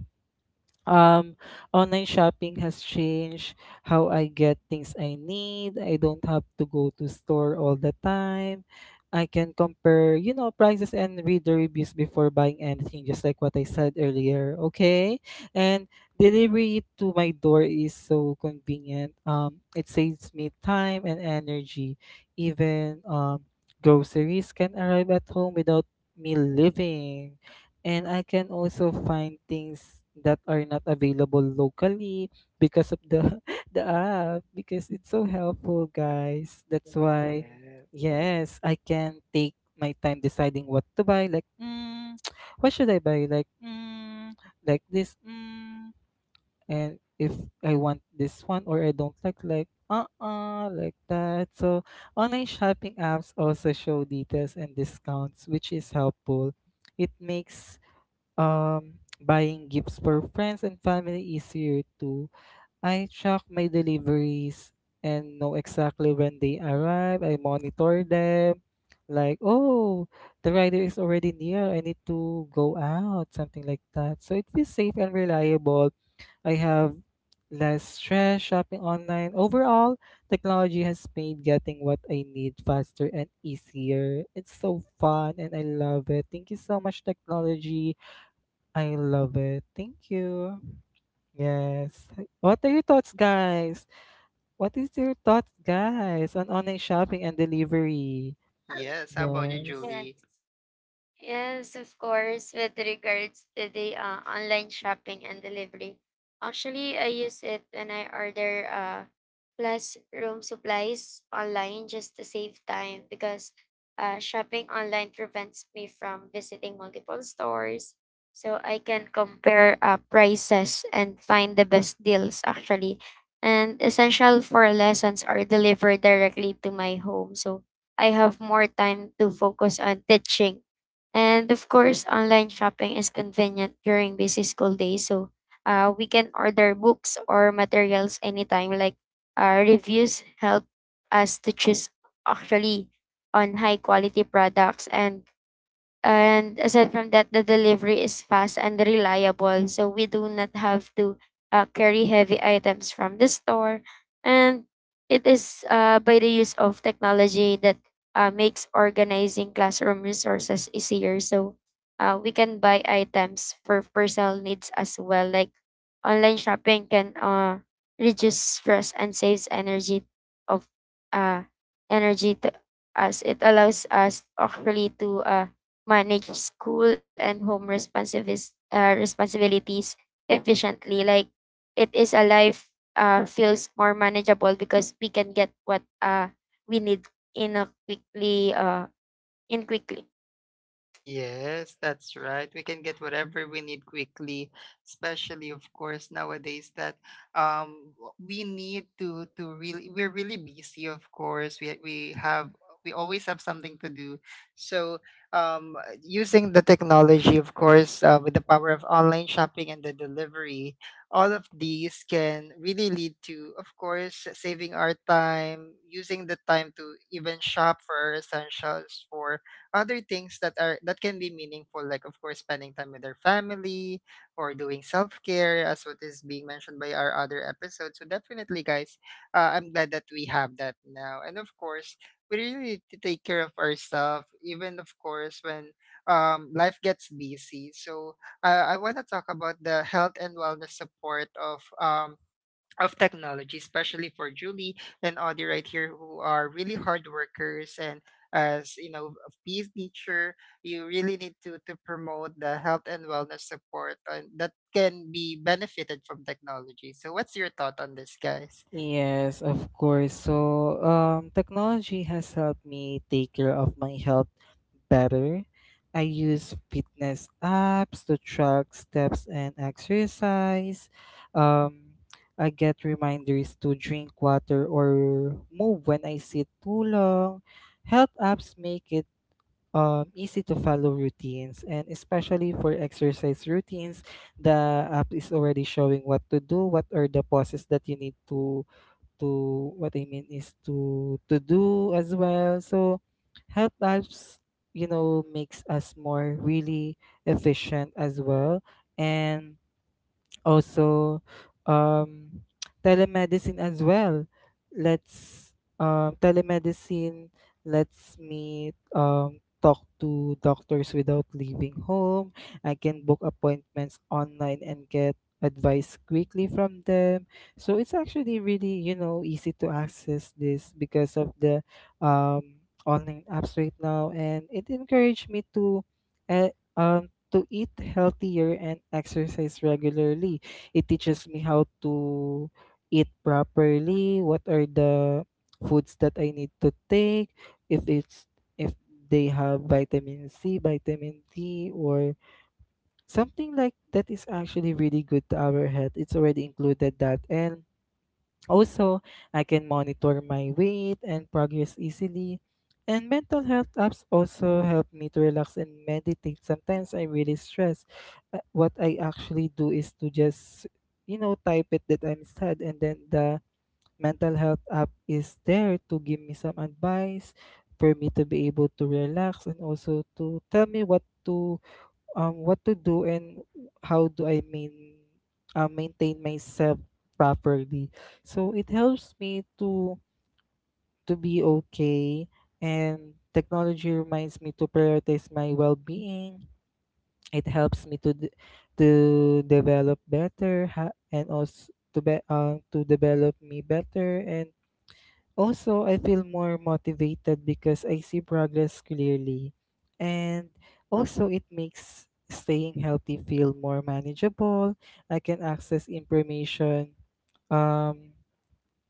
[SPEAKER 3] um online shopping has changed how I get things I need. I don't have to go to store all the time. I can compare, you know, prices and read the reviews before buying anything, just like what I said earlier. Okay. And delivery to my door is so convenient. Um, it saves me time and energy. Even um, groceries can arrive at home without me leaving, and I can also find things that are not available locally because of the the app, because it's so helpful guys. That's why,
[SPEAKER 1] Yeah.
[SPEAKER 3] yes, I can take my time deciding what to buy, like mm, what should I buy, like mm, like this, mm, and if I want this one or I don't like like uh-uh, like that. So online shopping apps also show details and discounts, which is helpful. It makes um buying gifts for friends and family easier too. I track my deliveries and know exactly when they arrive. I monitor them. Like, oh, the rider is already near. I need to go out, something like that. So it feels safe and reliable. I have less stress shopping online. Overall, technology has made getting what I need faster and easier. It's so fun and I love it. Thank you so much, technology. I love it. Thank you. Yes. What are your thoughts, guys? What is your thoughts, guys, on online shopping and delivery?
[SPEAKER 1] Yes. How about you,
[SPEAKER 3] Yes.
[SPEAKER 2] Yeah.
[SPEAKER 1] Julie?
[SPEAKER 2] Yes, of course. With regards to the uh, online shopping and delivery, actually, I use it when I order uh, classroom supplies online just to save time because uh, shopping online prevents me from visiting multiple stores. So I can compare uh, prices and find the best deals actually. And essential for lessons are delivered directly to my home. So I have more time to focus on teaching. And of course, online shopping is convenient during busy school days. So uh, we can order books or materials anytime. Like uh, reviews help us to choose actually on high quality products. And And aside from that, the delivery is fast and reliable. So we do not have to uh, carry heavy items from the store. And it is uh, by the use of technology that uh, makes organizing classroom resources easier. So uh, we can buy items for personal needs as well. Like online shopping can uh, reduce stress and saves energy of uh, energy to us. It allows us actually to uh, manage school and home responsivis- uh, responsibilities efficiently. Like it is a life uh, feels more manageable because we can get what uh, we need in a quickly uh, in quickly.
[SPEAKER 1] Yes, that's right. We can get whatever we need quickly, especially of course nowadays that um w- we need to to really we're really busy of course. We we have we always have something to do. So um using the technology of course uh, with the power of online shopping and the delivery, all of these can really lead to of course saving our time, using the time to even shop for our essentials for other things that are that can be meaningful like of course spending time with their family or doing self-care as what is being mentioned by our other episode. So definitely guys, uh, I'm glad that we have that now and of course we really need to take care of ourselves even of course when um, life gets busy. So uh, I want to talk about the health and wellness support of um, of technology, especially for Julie and Audie right here, who are really hard workers. And as you know, a P E teacher, you really need to to promote the health and wellness support uh, that can be benefited from technology. So, what's your thought on this, guys?
[SPEAKER 3] Yes, of course. So, um, technology has helped me take care of my health better. I use fitness apps to track steps and exercise. Um, I get reminders to drink water or move when I sit too long. Health apps make it um, easy to follow routines, and especially for exercise routines, the app is already showing what to do, what are the poses that you need to to what I mean is to to do as well. So health apps, you know, makes us more really efficient as well. And also, um, telemedicine as well. Let's um, Telemedicine lets me um, talk to doctors without leaving home. I can book appointments online and get advice quickly from them. So it's actually really, you know, easy to access this because of the um, online apps right now, and it encouraged me to. Uh, um, to eat healthier and exercise regularly. It teaches me how to eat properly, what are the foods that I need to take, if it's, if they have vitamin C, vitamin D or something like that, is actually really good to our health. It's already included that. And also, I can monitor my weight and progress easily. And mental health apps also help me to relax and meditate. Sometimes I really stress. Uh, What I actually do is to just, you know, type it that I'm sad, and then the mental health app is there to give me some advice for me to be able to relax and also to tell me what to um, what to do and how do I main, uh, maintain myself properly. So it helps me to to be okay, and technology reminds me to prioritize my well-being. It helps me to d to develop better ha- and also to be uh, to develop me better. And also, I feel more motivated because I see progress clearly. And also, it makes staying healthy feel more manageable. I can access information, um,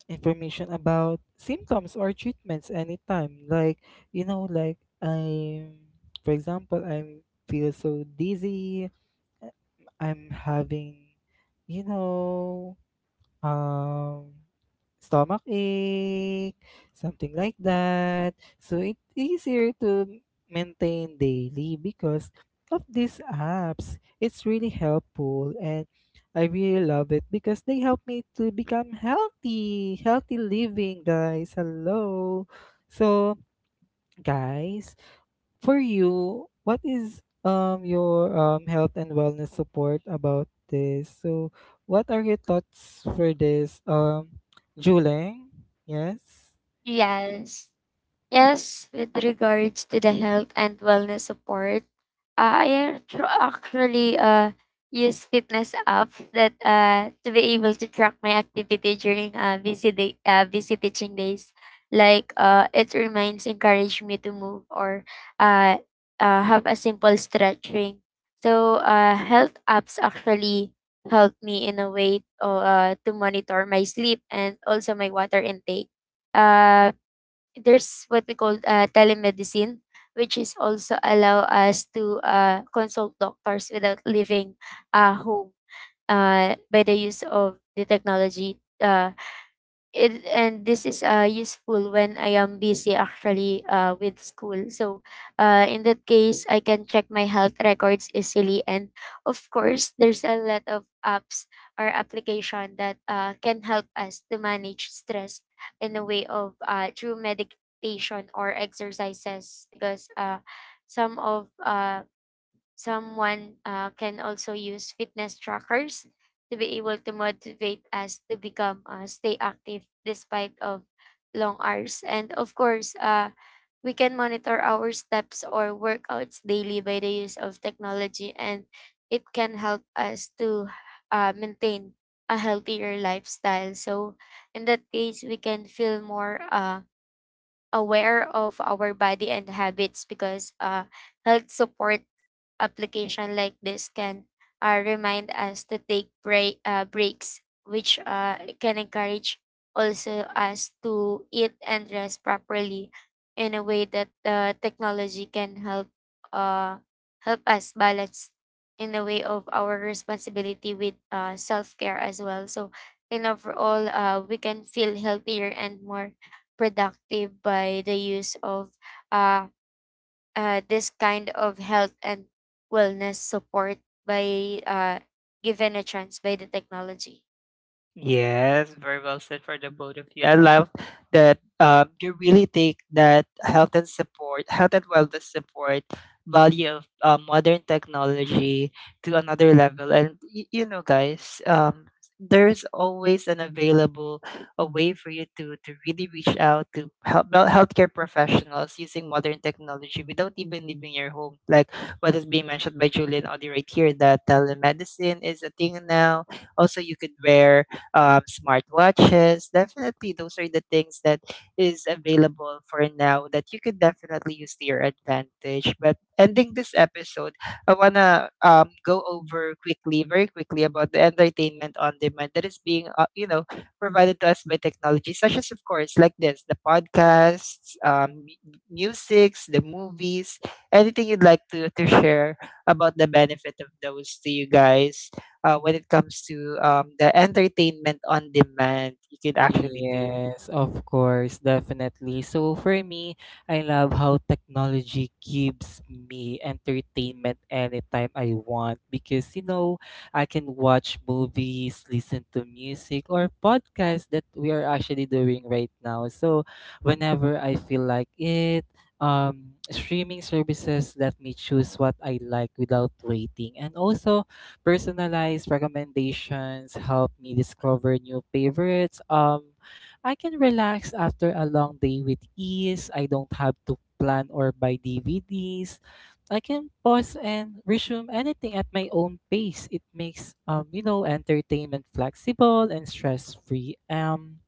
[SPEAKER 3] information about symptoms or treatments anytime. Like, you know, like I'm, for example, I'm feel so dizzy. I'm having, you know, um, stomachache, something like that. So it's easier to maintain daily because of these apps. It's really helpful, and I really love it because they help me to become healthy, healthy living, guys. Hello. So, guys, for you, what is um your um health and wellness support about this? So, what are your thoughts for this? Um, Juling, yes.
[SPEAKER 2] Yes. Yes, with regards to the health and wellness support, uh, I actu- actually uh, use fitness apps that uh, to be able to track my activity during uh, busy day, uh, busy teaching days. Like uh, it reminds, encourage me to move or uh, uh, have a simple stretching. So uh, health apps actually help me in a way uh, to monitor my sleep and also my water intake. Uh, there's what we call uh, telemedicine, which is also allow us to uh, consult doctors without leaving uh, home uh, by the use of the technology. Uh, It and this is, uh, useful when I am busy actually, uh, with school. So, uh, in that case, I can check my health records easily. And of course, there's a lot of apps or application that, uh, can help us to manage stress in a way of, uh, through meditation or exercises because, uh, some of, uh, Someone uh, can also use fitness trackers to be able to motivate us to become uh, stay active despite of long hours. And of course, uh, we can monitor our steps or workouts daily by the use of technology, and it can help us to uh, maintain a healthier lifestyle. So, in that case, we can feel more uh, aware of our body and habits because uh, health support application like this can uh, remind us to take break, uh, breaks, which uh, can encourage also us to eat and rest properly in a way that uh, technology can help uh, help us balance in the way of our responsibility with uh, self-care as well. So in overall, uh, we can feel healthier and more productive by the use of uh, uh, this kind of health and wellness support by uh, given a chance by the technology?
[SPEAKER 1] Yes, very well said for the both of you. I love that um, you really take that health and support, health and wellness support value of uh, modern technology to another level. And y- you know, guys, um, there's always an available a way for you to to really reach out to help well, healthcare professionals using modern technology without even leaving your home. Like what is being mentioned by Julian Audi right here, that telemedicine is a thing now. Also, you could wear um, smartwatches. Definitely, those are the things that is available for now that you could definitely use to your advantage. But ending this episode, I wanna um, go over quickly, very quickly, about the entertainment on demand that is being, uh, you know, provided to us by technology, such as, of course, like this, the podcasts, um, mu- musics, the movies, anything you'd like to to share about the benefit of those to you guys. Uh, when it comes to um, the entertainment on demand you could actually do.
[SPEAKER 3] Yes, of course, definitely. So for me, I love how technology gives me entertainment anytime I want, because you know, I can watch movies, listen to music or podcasts that we are actually doing right now. So whenever I feel like it, um streaming services let me choose what I like without waiting. And also, personalized recommendations help me discover new favorites. Um, I can relax after a long day with ease. I don't have to plan or buy D V Ds. I can pause and resume anything at my own pace. It makes um, you know, entertainment flexible and stress-free. Um,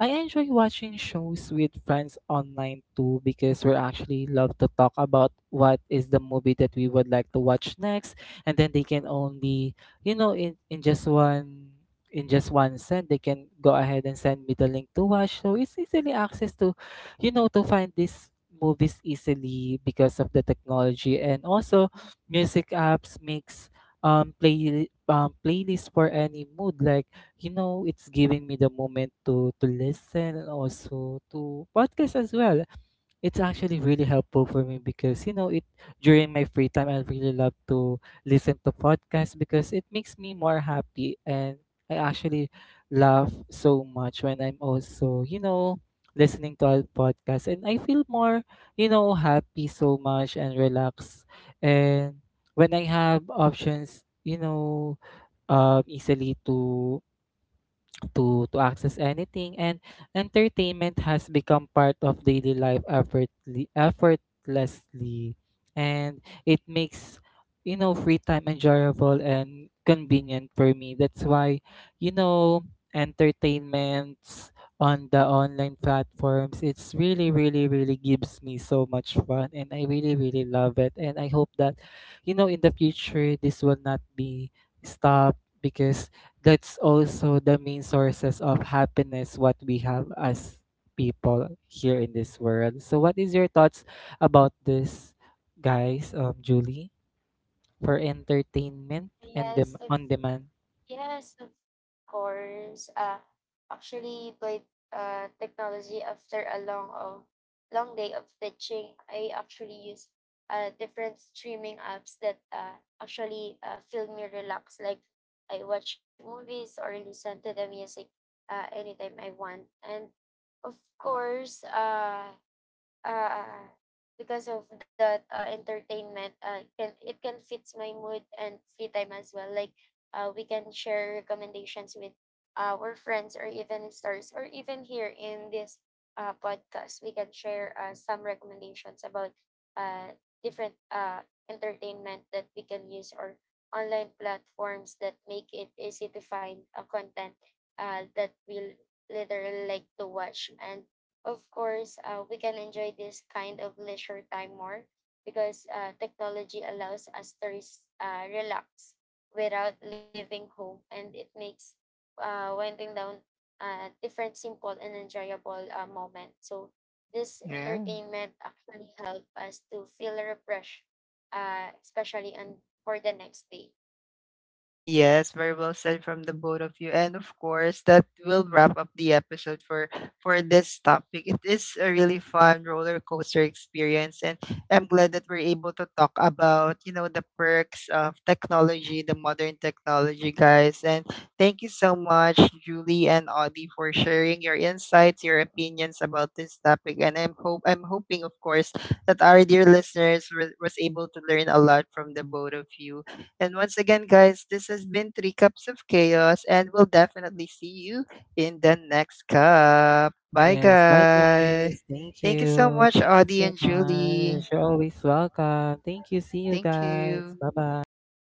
[SPEAKER 3] I enjoy watching shows with friends online too, because we actually love to talk about what is the movie that we would like to watch next, and then they can only, you know, in, in just one in just one send they can go ahead and send me the link to watch, so it's easily access to, you know, to find these movies easily because of the technology. And also, music apps makes um play um playlist for any mood, like, you know, it's giving me the moment to to listen, and also to podcast as well. It's actually really helpful for me because you know it, during my free time I really love to listen to podcasts because it makes me more happy, and I actually laugh so much when I'm also, you know, listening to a podcast, and I feel more, you know, happy so much and relaxed. And when I have options, you know, um easily to to to access anything, and entertainment has become part of daily life effortly, effortlessly, and it makes, you know, free time enjoyable and convenient for me. That's why, you know, entertainments on the online platforms, it's really really really gives me so much fun and I really really love it, and I hope that, you know, in the future this will not be stopped, because that's also the main sources of happiness what we have as people here in this world. So what is your thoughts about this guys, um Julie, for entertainment and
[SPEAKER 2] Yes,
[SPEAKER 3] dem-
[SPEAKER 2] of,
[SPEAKER 3] on demand?
[SPEAKER 2] yes, of course. Uh, actually, by uh, technology, after a long of long day of teaching, I actually use uh, different streaming apps that uh, actually uh, feel me relax. Like I watch movies or listen to the music uh, anytime I want. And of course, uh, uh, because of that uh, entertainment uh, can it can fits my mood and free time as well like uh, we can share recommendations with our friends or even stars or even here in this uh, podcast we can share uh, some recommendations about uh, different uh, entertainment that we can use or online platforms that make it easy to find a content uh, that we'll literally like to watch. And of course, uh, we can enjoy this kind of leisure time more because uh, technology allows us to res- uh, relax without leaving home, and it makes uh, winding down a different simple and enjoyable uh, moment. So this entertainment actually help us to feel refreshed, uh, especially on for the next day.
[SPEAKER 1] Yes, very well said from the both of you. And of course, that will wrap up the episode for for this topic. It is a really fun roller coaster experience and I'm glad that we're able to talk about, you know, the perks of technology, the modern technology, guys. And thank you so much, Julie and Audie, for sharing your insights, your opinions about this topic. And I'm hope I'm hoping, of course, that our dear listeners was was able to learn a lot from the both of you. And once again, guys, this has been Three Cups of Chaos, and we'll definitely see you in the next cup. Bye,
[SPEAKER 3] Yes, bye
[SPEAKER 1] guys.
[SPEAKER 3] guys. Thank
[SPEAKER 1] Thank you so
[SPEAKER 3] you.
[SPEAKER 1] much,
[SPEAKER 3] Thank you
[SPEAKER 1] Audie
[SPEAKER 3] so
[SPEAKER 1] and
[SPEAKER 3] much.
[SPEAKER 1] Julie.
[SPEAKER 3] You're always welcome. Thank you. See you
[SPEAKER 1] Thank
[SPEAKER 3] guys.
[SPEAKER 1] you.
[SPEAKER 3] Bye bye.